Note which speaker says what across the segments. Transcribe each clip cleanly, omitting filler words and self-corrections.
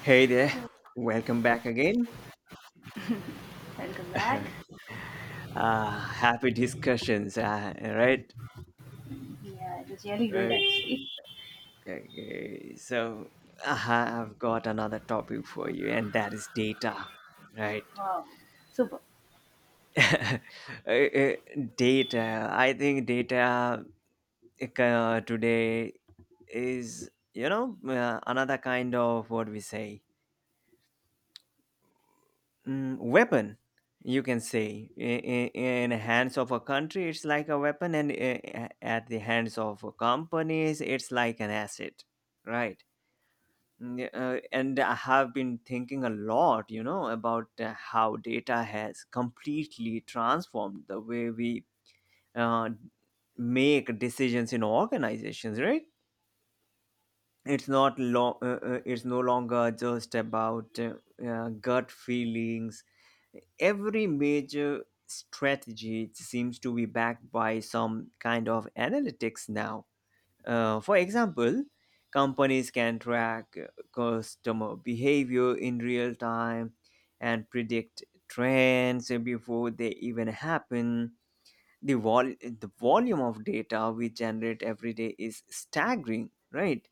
Speaker 1: Hey there, welcome back again.
Speaker 2: Welcome back.
Speaker 1: Happy discussions, right?
Speaker 2: Yeah, it was really good
Speaker 1: Okay,
Speaker 2: actually.
Speaker 1: okay. So uh, I've got another topic for you, and that is data, right?
Speaker 2: Wow, super.
Speaker 1: Uh, uh, data. I think data today is, another kind of what we say weapon you can say in the hands of a country, it's like a weapon, and at the hands of companies it's like an asset, right? Mm, yeah, and I have been thinking a lot, you know, about how data has completely transformed the way we uh, make decisions in organizations, right? It's no longer just about gut feelings. Every major strategy seems to be backed by some kind of analytics now. For example, companies can track customer behavior in real time and predict trends before they even happen. The volume of data we generate every day is staggering, right?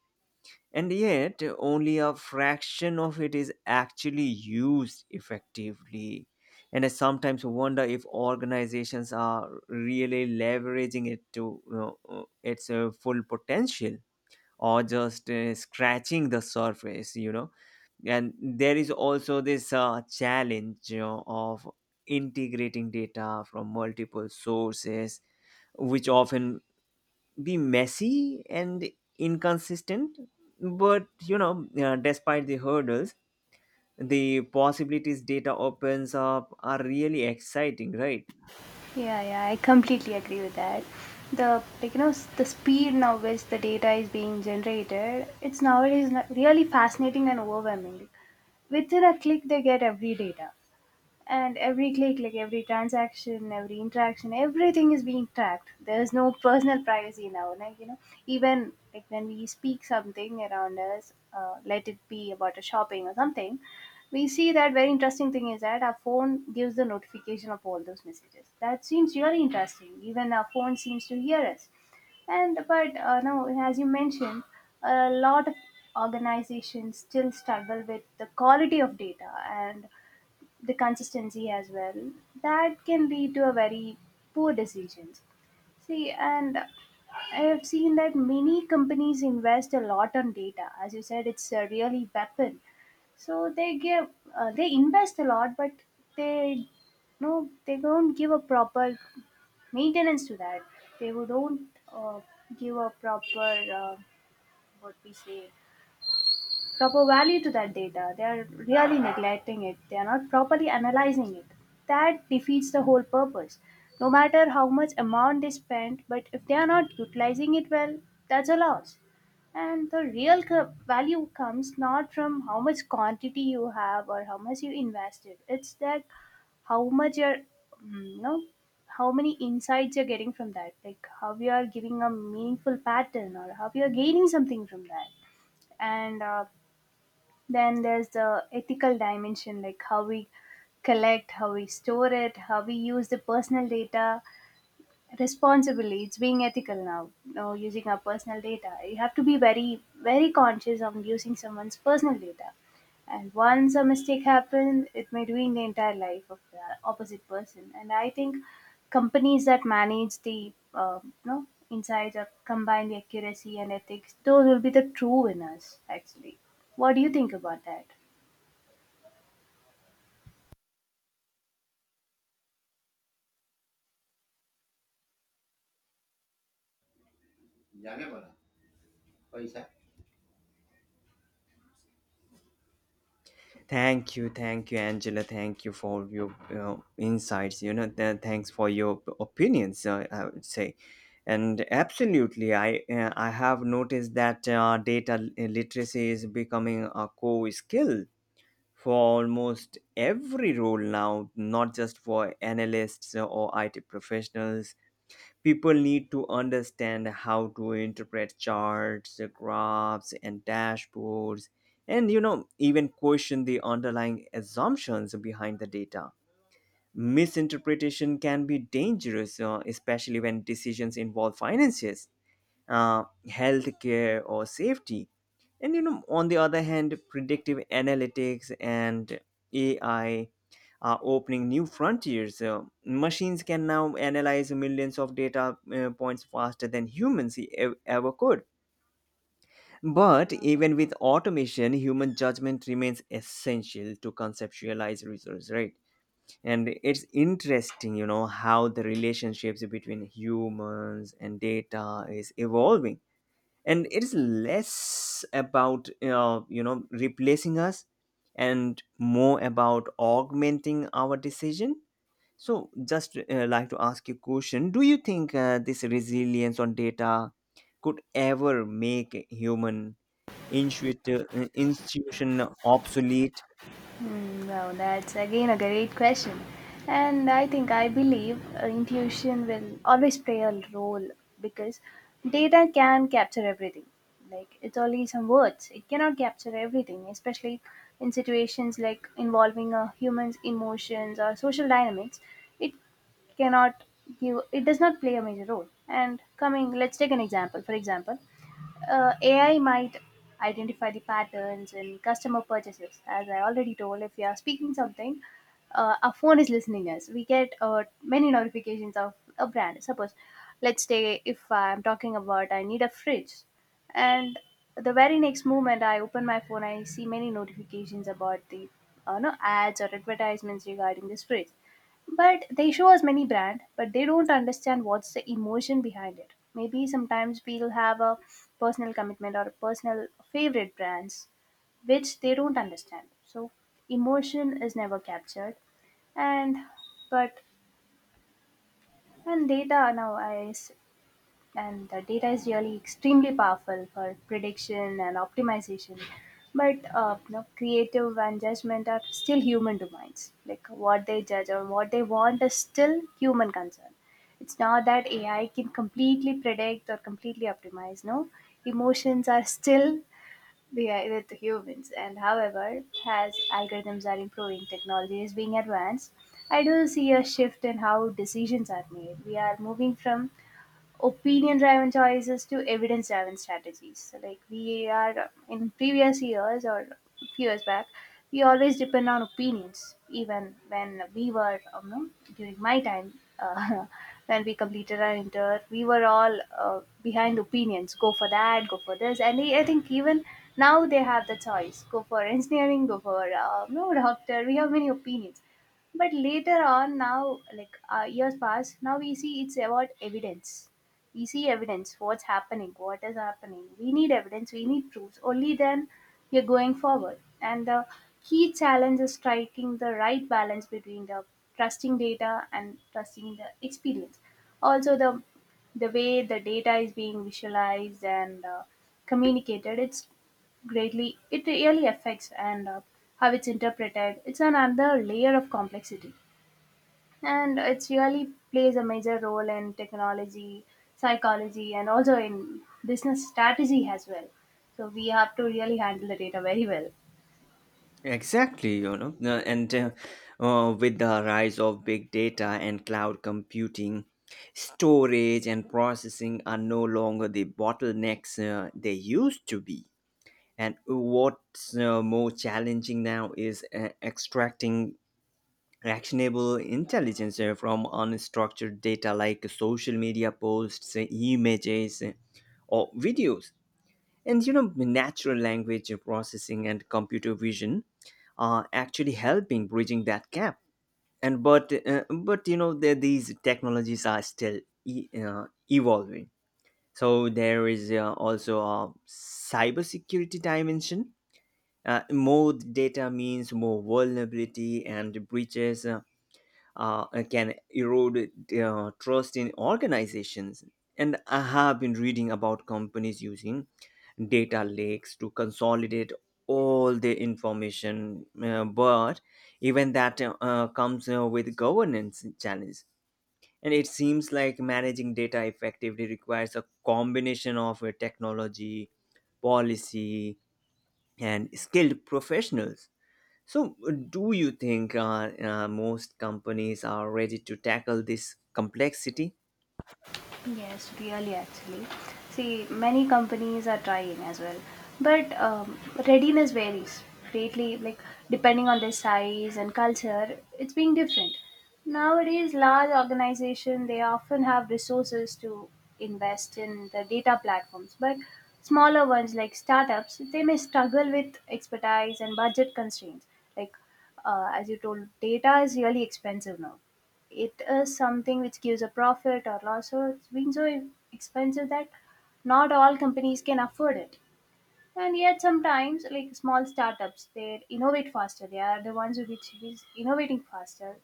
Speaker 1: And yet only a fraction of it is actually used effectively, and I sometimes wonder if organizations are really leveraging it to, its full potential, or just scratching the surface, you know. And there is also this challenge, you know, of integrating data from multiple sources, which often be messy and inconsistent. But, you know, despite the hurdles, the possibilities data opens up are really exciting, right?
Speaker 2: Yeah, yeah, I completely agree with that. The like you know s- the speed now which the data is being generated, it's nowadays really fascinating and overwhelming. Within a click, they get every data. And every click, like every transaction, every interaction, everything is being tracked. There's no personal privacy now, like you know. Even like when we speak something around us, let it be about a shopping or something, we see that very interesting thing is that our phone gives the notification of all those messages that seems really interesting. Even our phone seems to hear us. And but no, as you mentioned, a lot of organizations still struggle with the quality of data, and the consistency as well, that can lead to a very poor decisions. See, and I have seen that many companies invest a lot on data. As you said, it's a really weapon. So they give, they invest a lot, but they, no, they don't give a proper maintenance to that. They would don't, uh, give a proper, uh, what we say, proper value to that data. They are really neglecting it. They are not properly analyzing it. That defeats the whole purpose. No matter how much amount they spend, but if they are not utilizing it well, that's a loss. And the real value comes not from how much quantity you have or how much you invested. It's that how much you're, mm, you know, how many insights you're getting from that. Like how you are giving a meaningful pattern or how you are gaining something from that. And then there's the ethical dimension, like how we collect, how we store it, how we use the personal data, responsibly. It's being ethical now, you know, using our personal data. You have to be very very conscious of using someone's personal data. And once a mistake happens, it may ruin the entire life of the opposite person. And I think companies that manage the you know, insights, or combine the accuracy and ethics, those will be the true winners actually. What do you think about that?
Speaker 1: Thank you. Thank you, Angela. Thank you for your insights, you know. Thanks for your opinions, I would say. And absolutely, I have noticed that data literacy is becoming a core skill for almost every role now, not just for analysts or IT professionals. People need to understand how to interpret charts, graphs, and dashboards, and, you know, even question the underlying assumptions behind the data. Misinterpretation can be dangerous, especially when decisions involve finances, healthcare, or safety. And, you know, on the other hand, predictive analytics and AI are opening new frontiers. Machines can now analyze millions of data points faster than humans ever could. But even with automation, human judgment remains essential to conceptualize results, right? And it's interesting, you know, how the relationships between humans and data is evolving, and it is less about, replacing us, and more about augmenting our decision. So just like to ask you a question: do you think this resilience on data could ever make human institution obsolete?
Speaker 2: Hmm. Well, that's again a great question. And I think I believe intuition will always play a role, because data can capture everything. Like, it's only some words, it cannot capture everything, especially in situations like involving a human's emotions or social dynamics. It cannot give, it does not play a major role. And coming, let's take an example. For example, AI might identify the patterns in customer purchases. As I already told, if we are speaking something, our phone is listening us. We get many notifications of a brand. Suppose, let's say if I'm talking about I need a fridge, and the very next moment I open my phone, I see many notifications about the no ads or advertisements regarding this fridge. But they show us many brand, but they don't understand what's the emotion behind it. Maybe sometimes we'll have a personal commitment or a personal favorite brands, which they don't understand. So emotion is never captured, and but, and data nowadays, and the data is really extremely powerful for prediction and optimization. But you know, creative and judgment are still human domains, like what they judge or what they want is still human concern. It's not that AI can completely predict or completely optimize, no. Emotions are still with humans. And however, as algorithms are improving, technology is being advanced, I do see a shift in how decisions are made. We are moving from opinion-driven choices to evidence-driven strategies. So, like, we are in previous years or few years back, we always depend on opinions. Even when we were, know, during my time, uh, when we completed our inter, we were all behind opinions. Go for that, go for this. And I think even now they have the choice. Go for engineering, go for no, doctor. We have many opinions, but later on now, like years pass, now we see it's about evidence. We see evidence, what's happening, what is happening. We need evidence, we need proofs, only then you're going forward. And the key challenge is striking the right balance between the trusting data and trusting the experience. Also the way the data is being visualized and communicated, it's greatly, it really affects. And how it's interpreted, it's another layer of complexity. And it really plays a major role in technology, psychology, and also in business strategy as well. So we have to really handle the data very well.
Speaker 1: Exactly, you know. Uh, and uh, uh, with the rise of big data and cloud computing, storage and processing are no longer the bottlenecks they used to be. And what's more challenging now is extracting actionable intelligence from unstructured data like social media posts, images, or videos. And, you know, natural language processing and computer vision are actually helping bridging that gap. And but uh, but, you know, these technologies are still e- uh, evolving. So there is also a cybersecurity dimension. More data means more vulnerability, and breaches can erode trust in organizations. And I have been reading about companies using data lakes to consolidate all the information, but even that comes with governance challenges. And it seems like managing data effectively requires a combination of technology, policy, and skilled professionals. So do you think most companies are ready to tackle this complexity?
Speaker 2: Yes, really, actually. See, many companies are trying as well, but readiness varies greatly, like depending on their size and culture, it's being different. Nowadays, large organizations, they often have resources to invest in the data platforms, but smaller ones like startups, they may struggle with expertise and budget constraints. Like as you told, data is really expensive now. It is something which gives a profit or loss. So it's been so expensive that not all companies can afford it. And yet sometimes, like small startups, they innovate faster. They are the ones which is innovating faster.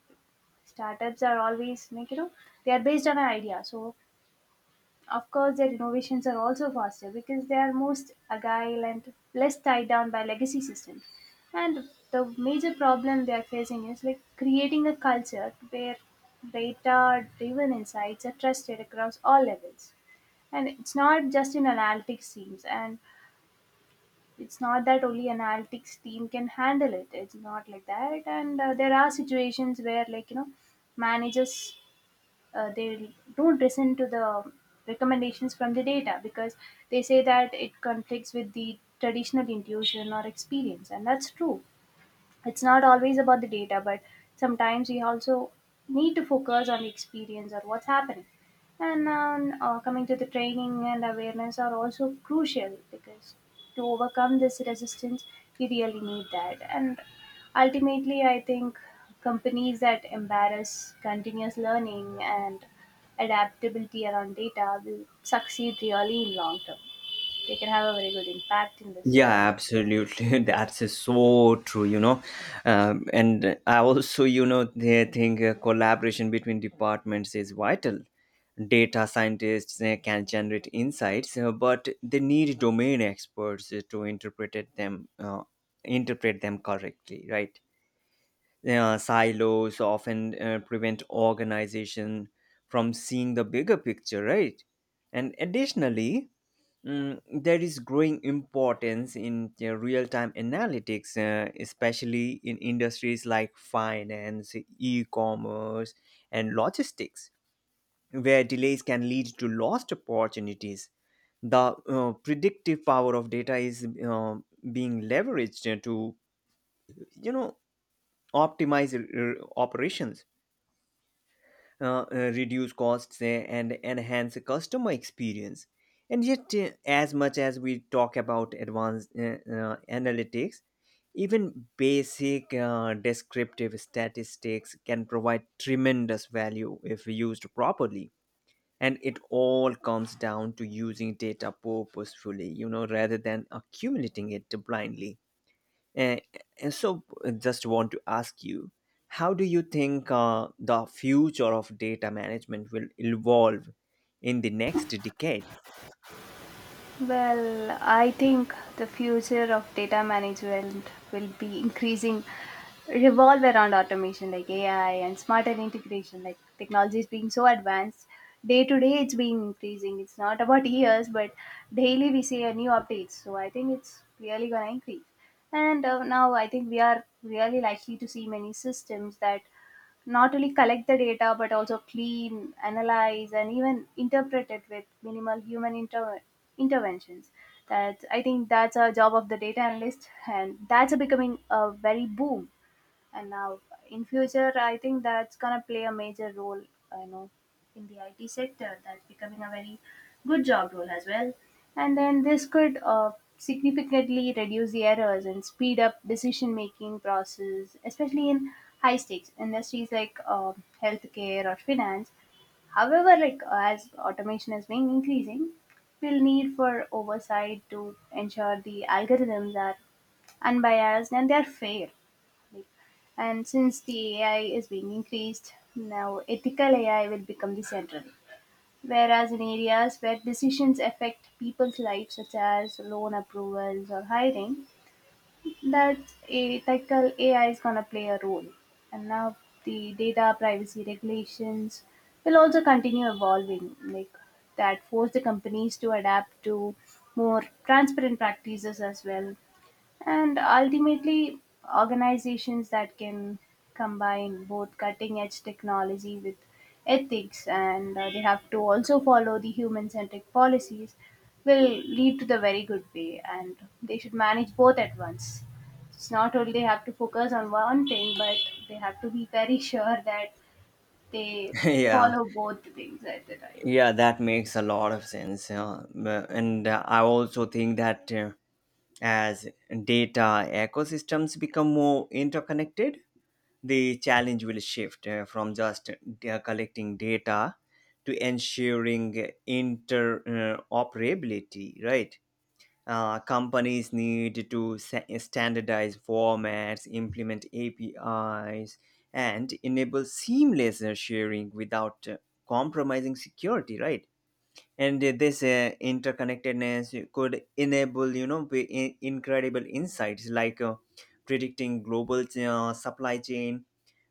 Speaker 2: Startups are always, like you know, they are based on an idea. So of course, their innovations are also faster because they are most agile and less tied down by legacy systems. And the major problem they are facing is like creating a culture where data-driven insights are trusted across all levels. And it's not just in analytics teams, and it's not that only analytics team can handle it. It's not like that. And there are situations where, like you know, managers, they don't listen to the recommendations from the data, because they say that it conflicts with the traditional intuition or experience. And that's true, it's not always about the data, but sometimes we also need to focus on the experience or what's happening. And coming to the training and awareness are also crucial, because to overcome this resistance we really need that. And ultimately, I think companies that embrace continuous learning and adaptability around data will succeed really in long term. They can have a very good impact in this
Speaker 1: Yeah,
Speaker 2: side.
Speaker 1: absolutely. That's is so true, you know. And I also, you know, they think collaboration between departments is vital. Data scientists can generate insights, but they need domain experts to interpret it them, interpret them correctly, right? Silos often prevent organization from seeing the bigger picture, right? And additionally, there is growing importance in real time analytics, especially in industries like finance, e commerce, and logistics, where delays can lead to lost opportunities. The predictive power of data is being leveraged to, you know, optimize operations, uh, uh, reduce costs, and enhance customer experience. And yet, as much as we talk about advanced analytics, even basic descriptive statistics can provide tremendous value if used properly. And it all comes down to using data purposefully, you know, rather than accumulating it blindly. Eh, just want to ask you, how do you think the future of data management will evolve in the next decade?
Speaker 2: Well, I think the future of data management will be increasing, revolve around automation like AI and smarter integration. Like technology is being so advanced, day to day it's being increasing. It's not about years, but daily we see a new updates. So I think it's really gonna increase. And now I think we are really likely to see many systems that not only collect the data but also clean, analyze, and even interpret it with minimal human interventions. That, I think, that's a job of the data analyst, and that's becoming a very boom. And now, in future, I think that's gonna play a major role. You know, in the IT sector, that's becoming a very good job role as well. And then this could significantly reduce the errors and speed up decision making process, especially in high stakes industries like healthcare or finance. However, like as automation has been increasing, we'll need for oversight to ensure the algorithms are unbiased and they are fair. Like, and since the AI is being increased, now ethical AI will become the central. Whereas in areas where decisions affect people's lives, such as loan approvals or hiring, that ethical AI is going to play a role. And now the data privacy regulations will also continue evolving, like that force the companies to adapt to more transparent practices as well. And ultimately, organizations that can combine both cutting edge technology with ethics, and they have to also follow the human centric policies, will lead to the very good way, and they should manage both at once. It's not only they have to focus on one thing, but they have to be very sure that they
Speaker 1: yeah,
Speaker 2: follow both things at the time.
Speaker 1: yeah, that makes a lot of sense. M- and I also think that, as data ecosystems become more interconnected, the challenge will shift from just collecting data to ensuring interoperability, right? Companies need to standardize formats, implement APIs, and enable seamless sharing without compromising security, right? And this interconnectedness could enable, you know, incredible insights, like predicting global supply chain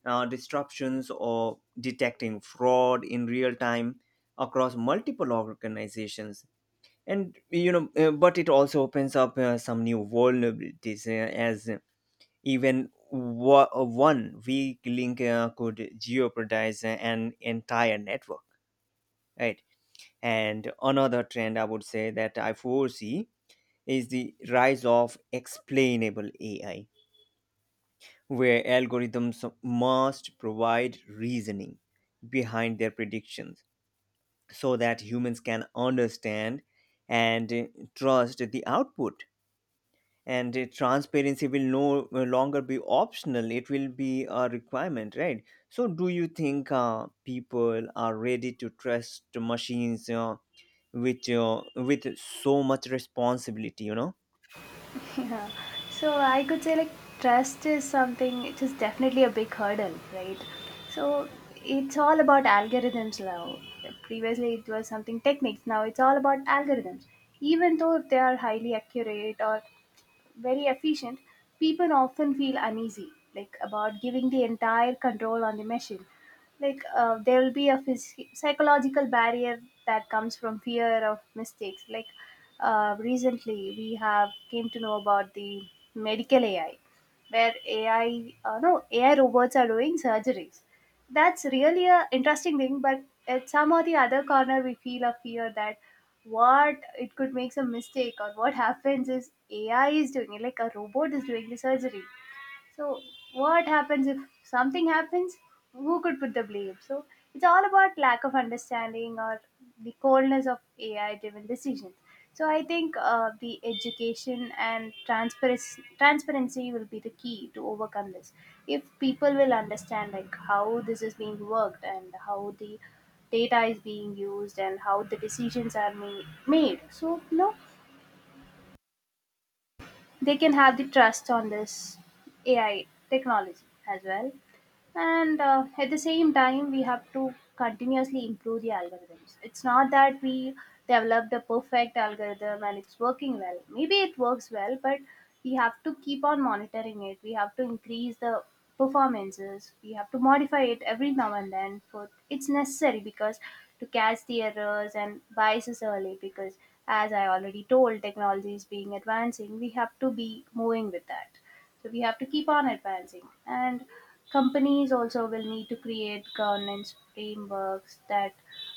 Speaker 1: disruptions, or detecting fraud in real time across multiple organizations. And, you know, but it also opens up some new vulnerabilities, as even one weak link could jeopardize an entire network, right? And another trend, I would say, that I foresee is the rise of explainable AI, where algorithms must provide reasoning behind their predictions so that humans can understand and trust the output. And transparency will no longer be optional; it will be a requirement, right? So do you think people are ready to trust machines, with so much responsibility, you know?
Speaker 2: Yeah. So I could say, like, trust is something, it is definitely a big hurdle, right? So it's all about algorithms now. Previously it was something techniques. Now it's all about algorithms. Even though if they are highly accurate or very efficient, people often feel uneasy, like about giving the entire control on the machine. Like there will be a psychological barrier that comes from fear of mistakes. Like recently, we have came to know about the medical AI, where AI, no, AI robots are doing surgeries. That's really a interesting thing, but at some or the other corner we feel a fear that what it could make some mistake. Or what happens is AI is doing it, like a robot is doing the surgery. So what happens if something happens? Who could put the blame? So it's all about lack of understanding or the coldness of AI-driven decisions. So I think the education and transparency will be the key to overcome this. If people will understand like how this is being worked and how the data is being used and how the decisions are made, so they can have the trust on this AI technology as well. And at the same time, we have to continuously improve the algorithms. It's not that we develop the perfect algorithm and it's working well. Maybe it works well, but we have to keep on monitoring it. We have to increase the performances. We have to modify it every now and then, for it's necessary, because to catch the errors and biases early, because as I already told, technology is being advancing, we have to be moving with that. So we have to keep on advancing. And companies also will need to create governance frameworks that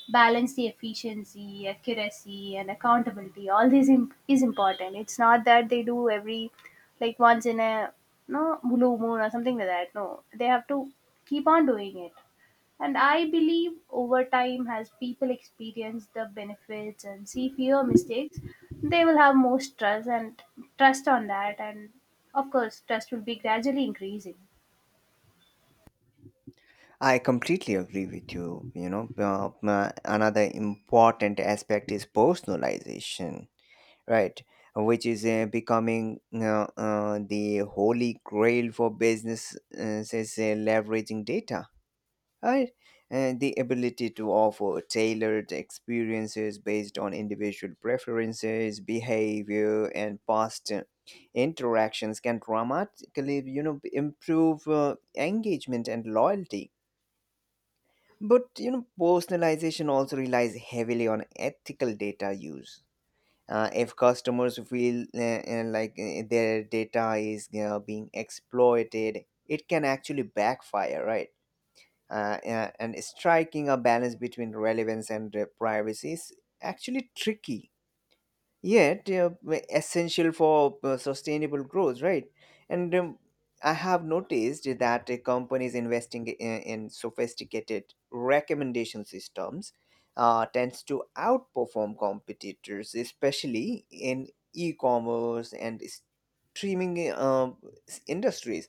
Speaker 2: balance the efficiency, accuracy, and accountability. All this is important. It's not that they do every like once in a no blue moon or something like that. No, they have to keep on doing it. And I believe over time, as people experience the benefits and see fewer mistakes, they will have more trust and trust on that. And of course, trust will be gradually increasing.
Speaker 1: I completely agree with you. You know, another important aspect is personalization, right? Which is becoming the holy grail for businesses leveraging data, right? And the ability to offer tailored experiences based on individual preferences, behavior, and past interactions can dramatically, you know, improve engagement and loyalty. But, you know, personalization also relies heavily on ethical data use. If customers feel, their data is being exploited, it can actually backfire, right? And striking a balance between relevance and privacy is actually tricky, yet essential for sustainable growth, right? And I have noticed that companies investing in sophisticated recommendation systems tends to outperform competitors, especially in e-commerce and streaming industries.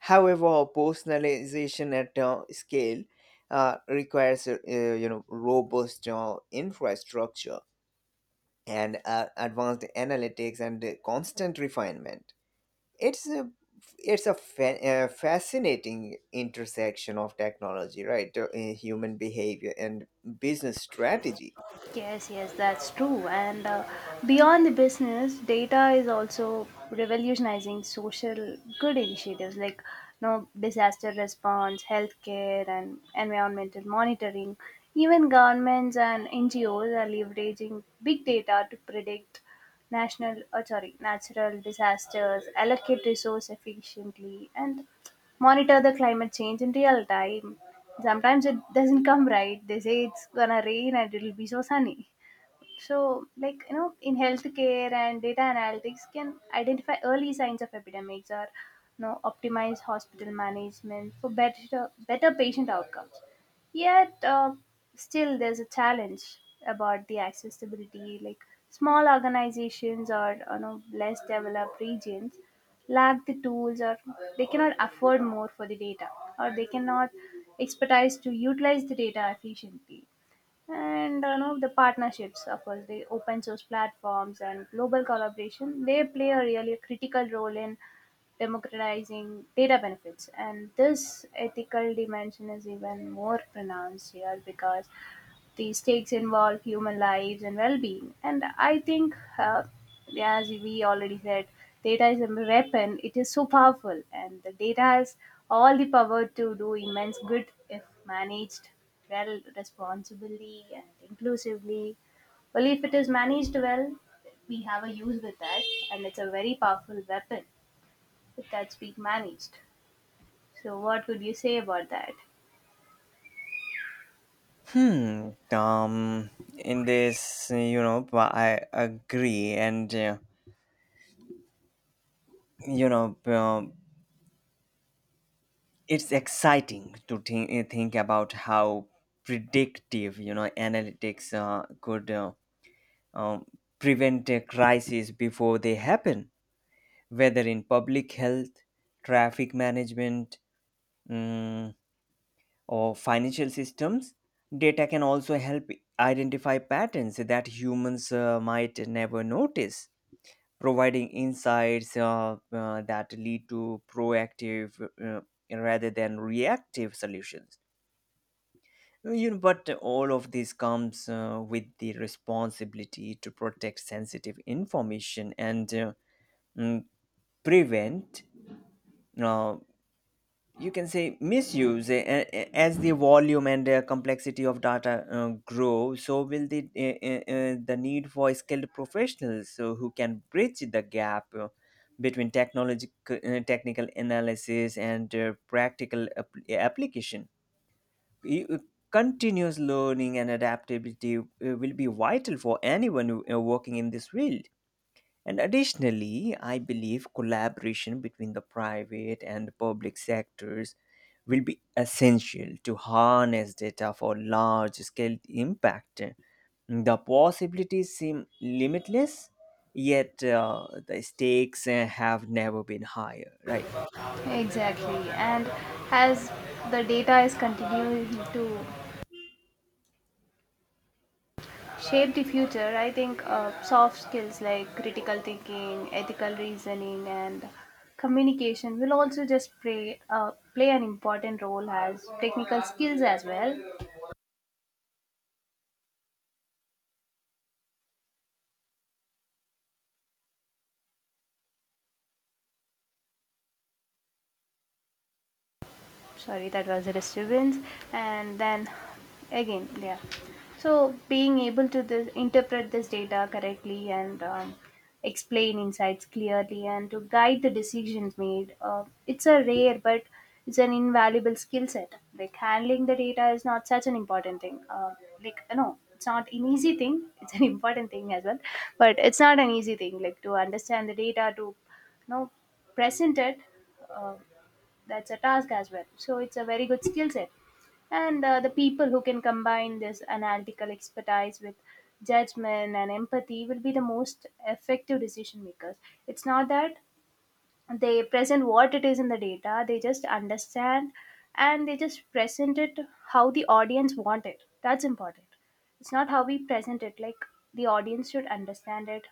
Speaker 1: However, personalization at scale requires, you know, robust infrastructure, and advanced analytics, and constant refinement. It's a it's a fascinating intersection of technology, right? Human behavior and business strategy.
Speaker 2: Yes, yes, that's true. And beyond the business, data is also revolutionizing social good initiatives like, you know, disaster response, healthcare, and environmental monitoring. Even governments and NGOs are leveraging big data to predict national, sorry, natural disasters, allocate resource efficiently, and monitor the climate change in real time. Sometimes it doesn't come right. They say it's gonna rain and it'll be so sunny. So, like, you know, in healthcare and data analytics can identify early signs of epidemics or, you know, optimize hospital management for better patient outcomes. Yet, still, there's a challenge about the accessibility. Like, small organizations or, you know, less developed regions lack the tools, or they cannot afford more for the data, or they cannot expertise to utilize the data efficiently. And you know, the partnerships, of course, the open source platforms and global collaboration, they play a really critical role in democratizing data benefits. And this ethical dimension is even more pronounced here because the stakes involve human lives and well-being. And I think, as we already said, data is a weapon. It is so powerful, and the data has all the power to do immense good if managed well, responsibly, and inclusively. Well, if it is managed well, we have a use with that, and it's a very powerful weapon if that's being managed. So, what would you say about that?
Speaker 1: Hmm. Um. In this, you know, but I agree, and you know, um, it's exciting to think about how predictive, you know, analytics could um, prevent a crisis before they happen, whether in public health, traffic management, mm, or financial systems. Data can also help identify patterns that humans might never notice, providing insights that lead to proactive uh, rather than reactive solutions. You know, but all of this comes with the responsibility to protect sensitive information, and mm, prevent, uh, you can say, misuse. As the volume and complexity of data grow, so will the need for skilled professionals who can bridge the gap between technology technical analysis and practical application. You- uh, Continuous learning and adaptability will be vital for anyone who, working in this field. And additionally, I believe collaboration between the private and public sectors will be essential to harness data for large scale impact. The possibilities seem limitless, yet the stakes have never been higher, right?
Speaker 2: Exactly. And as the data is continuing to shape the future, I think soft skills like critical thinking, ethical reasoning, and communication will also just play an important role as technical skills as well. Sorry, that was a disturbance. And then again, yeah. So being able to interpret this data correctly and explain insights clearly and to guide the decisions made, it's a rare but it's an invaluable skill set. Like handling the data is not such an important thing, like no, it's not an easy thing. It's an important thing as well, but it's not an easy thing, like to understand the data, to you know present it, uh, that's a task as well. So it's a very good skill set. And the people who can combine this analytical expertise with judgment and empathy will be the most effective decision makers. It's not that they present what it is in the data. They just understand, and they just present it how the audience want it. That's important. It's not how we present it, like the audience should understand it.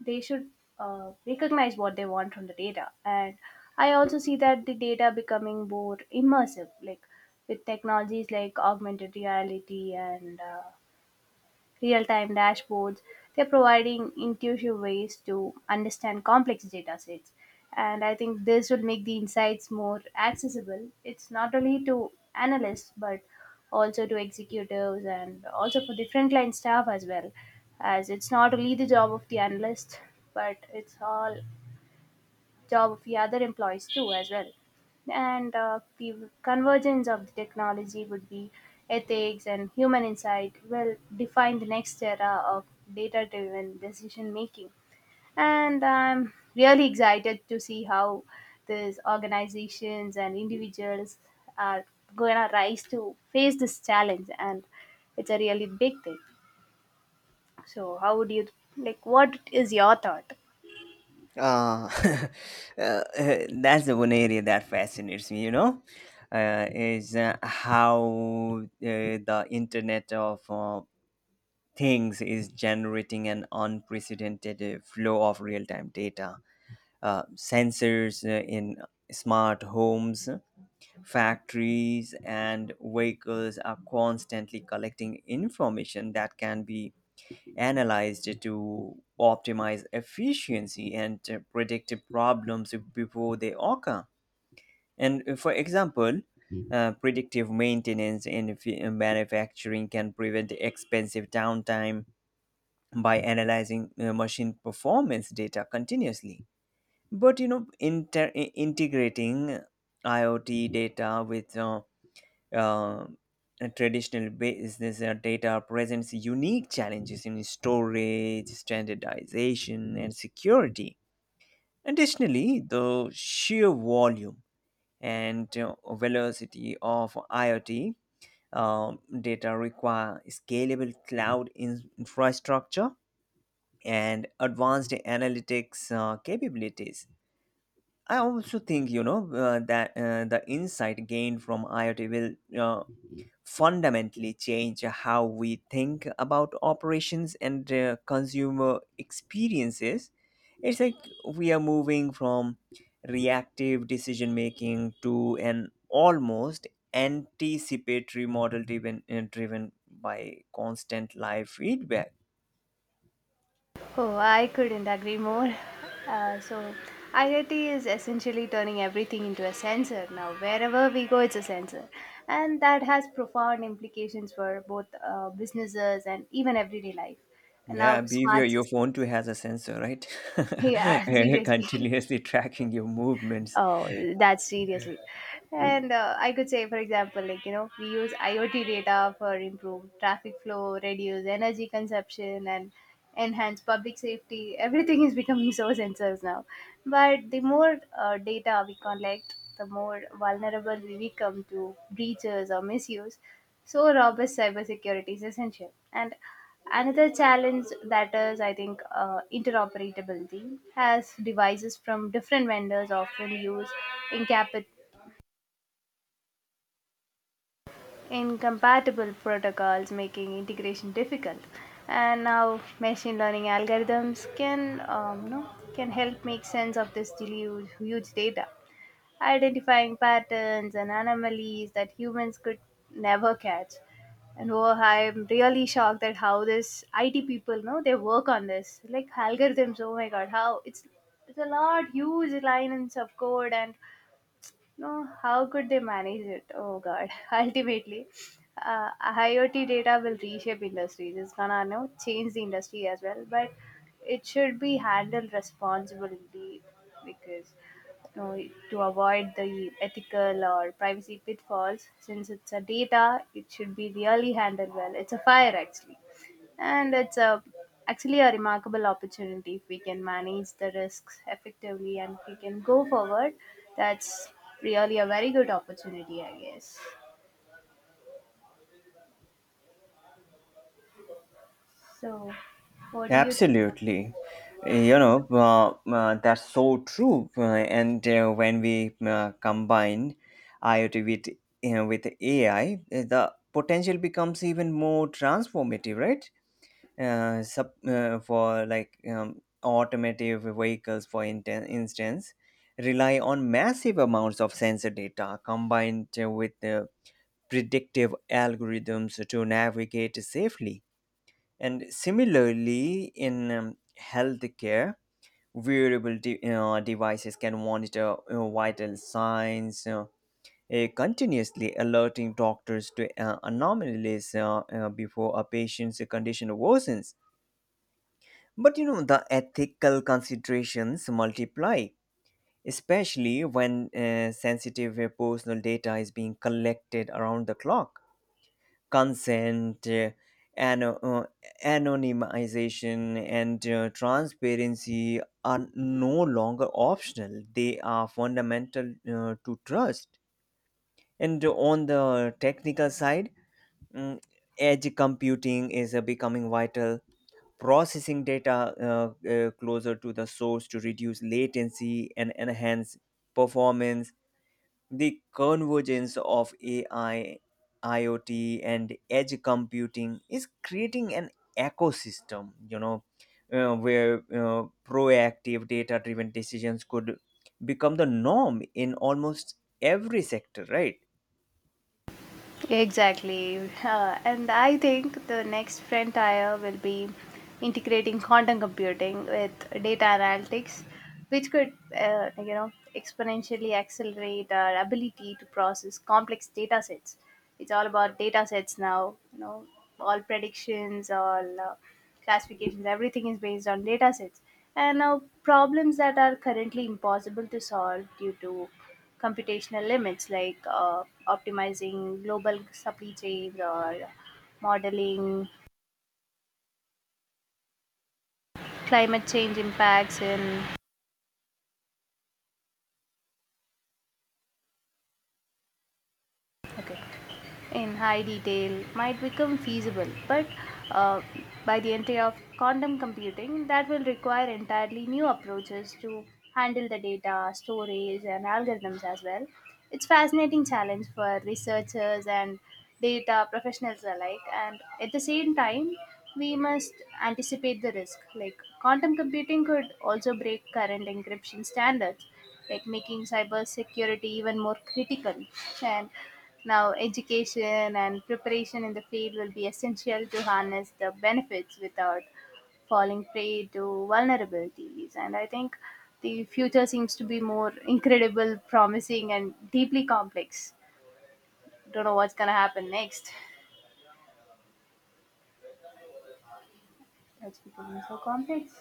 Speaker 2: They should recognize what they want from the data. And I also see that the data becoming more immersive, like with technologies like augmented reality and real-time dashboards. They're providing intuitive ways to understand complex data sets. And I think this will make the insights more accessible. It's not only to analysts, but also to executives and also for the frontline staff as well. As it's not only the job of the analyst, but it's all job of the other employees too as well. And the convergence of the technology would be ethics and human insight will define the next era of data driven decision making. And I'm really excited to see how these organizations and individuals are going to rise to face this challenge. And it's a really big thing. So how would you, like, what is your thought?
Speaker 1: Uh, uh, that's the one area that fascinates me, you know, is how the Internet of things is generating an unprecedented flow of real-time data. Sensors in smart homes, factories, and vehicles are constantly collecting information that can be analyzed to optimize efficiency and predict problems before they occur. And for example, predictive maintenance in manufacturing can prevent expensive downtime by analyzing machine performance data continuously. But, you know, integrating IoT data with uh, traditional business data presents unique challenges in storage, standardization, and security. Additionally, the sheer volume and velocity of IoT data require scalable cloud infrastructure and advanced analytics capabilities. I also think, you know, that the insight gained from IoT will fundamentally change how we think about operations and consumer experiences. It's like we are moving from reactive decision making to an almost anticipatory model driven by constant live feedback.
Speaker 2: Oh, I couldn't agree more. So, IoT is essentially turning everything into a sensor now. Wherever we go, it's a sensor. And that has profound implications for both businesses and even everyday life. And
Speaker 1: Yeah,
Speaker 2: now,
Speaker 1: beware,
Speaker 2: smart
Speaker 1: your phone too
Speaker 2: systems.
Speaker 1: has a sensor, right?
Speaker 2: Yeah, seriously.
Speaker 1: Continuously tracking your movements.
Speaker 2: Oh, that's seriously. And I could say, for example, like, you know, we use IoT data for improved traffic flow, reduce energy consumption, and enhance public safety. Everything is becoming so sensors now. But the more data we collect, the more vulnerable we become to breaches or misuse. So robust cybersecurity is essential. And another challenge that is, I think, interoperability, as devices from different vendors often use incapa- incompatible protocols, making integration difficult. And now, machine learning algorithms can, you know, can help make sense of this huge data, identifying patterns and anomalies that humans could never catch. And oh, I'm really shocked at how this IT people know they work on this, like algorithms. Oh my god, how it's a lot huge lines of code. And no, how could they manage it? Oh God! Ultimately, IoT data will reshape industries. It's gonna you know change the industry as well, but it should be handled responsibly because you know to avoid the ethical or privacy pitfalls. Since it's a data, it should be really handled well. It's a fire actually. And it's a, actually a remarkable opportunity if we can manage the risks effectively and we can go forward. That's really a very good opportunity, I guess. So, what do you think?
Speaker 1: Absolutely. You know, that's so true. And when we combine IoT with, with AI, the potential becomes even more transformative, right? For automotive vehicles, for instance, rely on massive amounts of sensor data combined with predictive algorithms to navigate safely, and similarly, in healthcare, wearable devices can monitor vital signs, continuously, alerting doctors to anomalies before a patient's condition worsens. But you know, the ethical considerations multiply, especially when sensitive personal data is being collected around the clock. Consent, ano- uh, anonymization, and transparency are no longer optional. They are fundamental to trust. And on the technical side, mm, edge computing is becoming vital. Processing data closer to the source to reduce latency and enhance performance. The convergence of AI, IoT, and edge computing is creating an ecosystem, where proactive data driven decisions could become the norm in almost every sector, right?
Speaker 2: Exactly. And I think the next frontier will be integrating quantum computing with data analytics, which could, you know, exponentially accelerate our ability to process complex data sets. It's all about data sets now, you know, all predictions, all classifications, everything is based on data sets. And now problems that are currently impossible to solve due to computational limits, like optimizing global supply chains or modeling climate change impacts in okay in high detail might become feasible, but uh, by the entry of quantum computing, that will require entirely new approaches to handle the data, storage, and algorithms as well. It's fascinating challenge for researchers and data professionals alike, and at the same time, we must anticipate the risk. Like quantum computing could also break current encryption standards, like making cyber security even more critical. And now, education and preparation in the field will be essential to harness the benefits without falling prey to vulnerabilities. And I think the future seems to be more incredible, promising, and deeply complex. Don't know what's going to happen next. That's becoming so complex.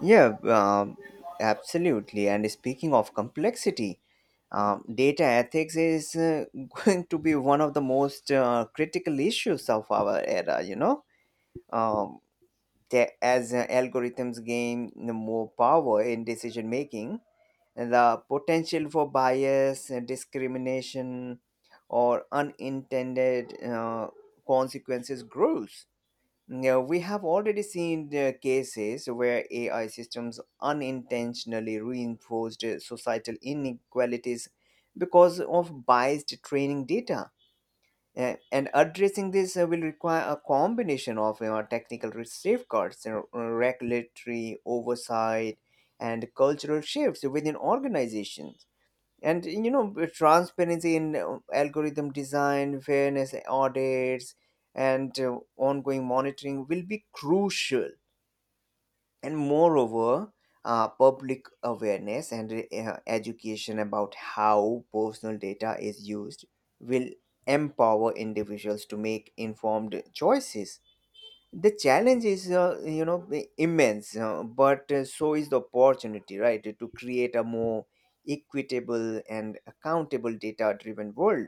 Speaker 1: Yeah, absolutely. And speaking of complexity, data ethics is going to be one of the most critical issues of our era, you know. Um, as algorithms gain more power in decision making, the potential for bias, discrimination, or unintended consequences grows. Now, we have already seen the cases where AI systems unintentionally reinforced societal inequalities because of biased training data. And addressing this will require a combination of, you know, technical safeguards, regulatory oversight, and cultural shifts within organizations. And transparency in algorithm design, fairness audits, and ongoing monitoring will be crucial, and moreover, public awareness and education about how personal data is used will empower individuals to make informed choices. The challenge is, you know, immense, but so is the opportunity, right, to create a more equitable and accountable data driven world.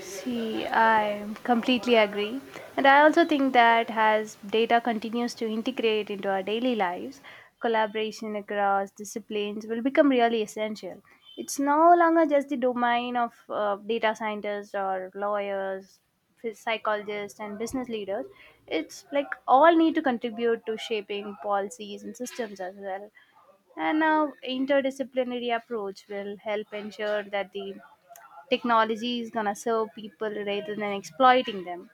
Speaker 2: See, I completely agree. And I also think that as data continues to integrate into our daily lives, collaboration across disciplines will become really essential. It's no longer just the domain of data scientists or lawyers, psychologists, and business leaders. It's like all need to contribute to shaping policies and systems as well. And now, interdisciplinary approach will help ensure that the technology is gonna serve people rather than exploiting them.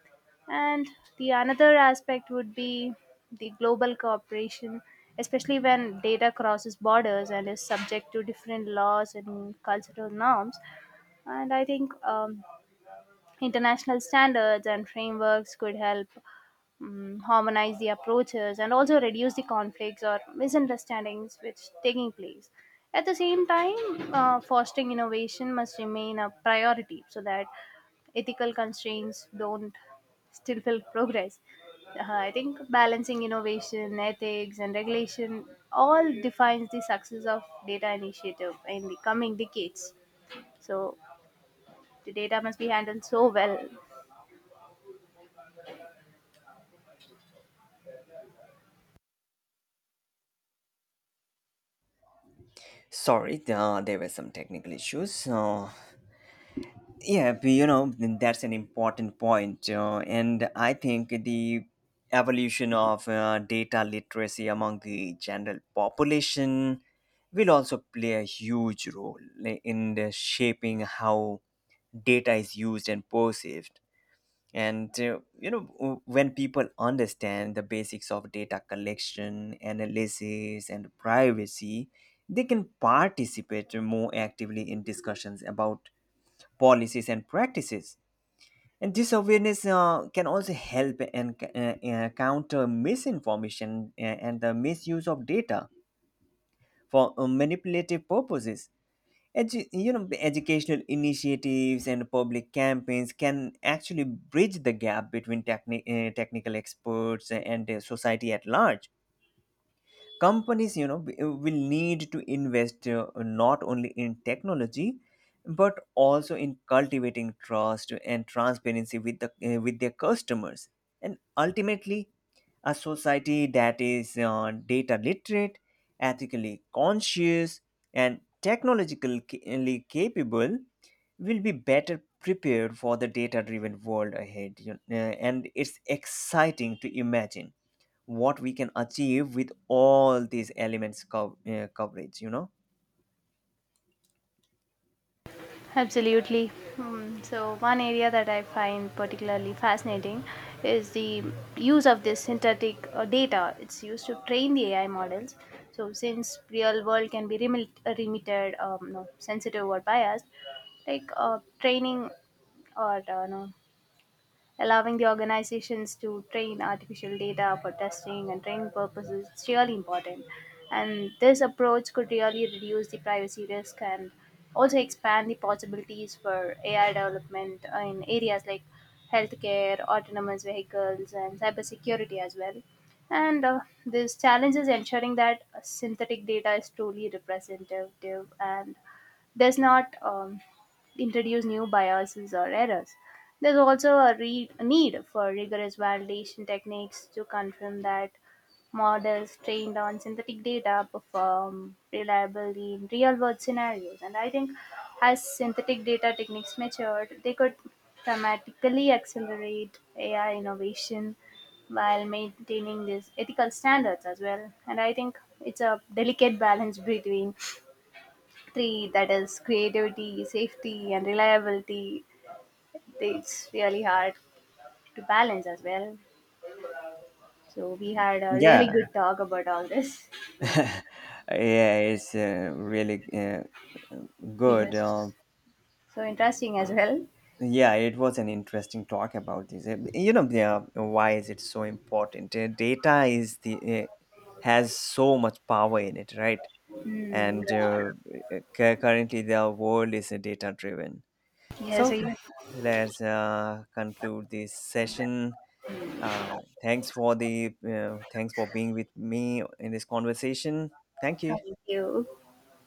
Speaker 2: And the another aspect would be the global cooperation, especially when data crosses borders and is subject to different laws and cultural norms. And I think international standards and frameworks could help harmonize the approaches and also reduce the conflicts or misunderstandings which taking place. At the same time, fostering innovation must remain a priority so that ethical constraints don't still feel progress. I think balancing innovation, ethics, and regulation all defines the success of data initiative in the coming decades. So the data must be handled so well.
Speaker 1: Sorry, there were some technical issues. Yeah, but, you know, that's an important point. And I think the evolution of data literacy among the general population will also play a huge role, like, in the shaping how data is used and perceived. And, you know, when people understand the basics of data collection, analysis, and privacy, they can participate more actively in discussions about policies and practices, and this awareness can also help and counter misinformation and the misuse of data for manipulative purposes. You know, the educational initiatives and public campaigns can actually bridge the gap between technical experts and society at large. Companies, you know, will need to invest, not only in technology but also in cultivating trust and transparency with the with their customers. And ultimately, a society that is data literate, ethically conscious, and technologically capable will be better prepared for the data driven world ahead, you know, and it's exciting to imagine what we can achieve with all these elements coverage, you know.
Speaker 2: Absolutely. Hmm. So, one area that I find particularly fascinating is the use of this synthetic data. It's used to train the AI models. So, since real world can be remitted, no, sensitive or biased, like training or no, allowing the organizations to train artificial data for testing and training purposes is really important. And this approach could really reduce the privacy risk and also expand the possibilities for AI development in areas like healthcare, autonomous vehicles, and cybersecurity as well. And this challenge is ensuring that synthetic data is truly representative and does not introduce new biases or errors. There's also a need for rigorous validation techniques to confirm that models trained on synthetic data perform reliably in real world scenarios. And I think as synthetic data techniques matured, they could dramatically accelerate AI innovation while maintaining these ethical standards as well. And I think it's a delicate balance between three that is creativity, safety, and reliability. It's really hard to balance as well. So we had a really
Speaker 1: Yeah.
Speaker 2: good talk about all this.
Speaker 1: Yeah, it's really,
Speaker 2: It
Speaker 1: good,
Speaker 2: was so interesting as well.
Speaker 1: yeah. It was an interesting talk about this. You know, yeah, why is it so important? Uh, data is the uh, has so much power in it, right? and uh, Currently the world is data driven,
Speaker 2: Yeah, so
Speaker 1: so
Speaker 2: you,
Speaker 1: let's conclude this session. Thanks for being with me in this conversation. Thank
Speaker 2: thank
Speaker 1: you.
Speaker 2: you.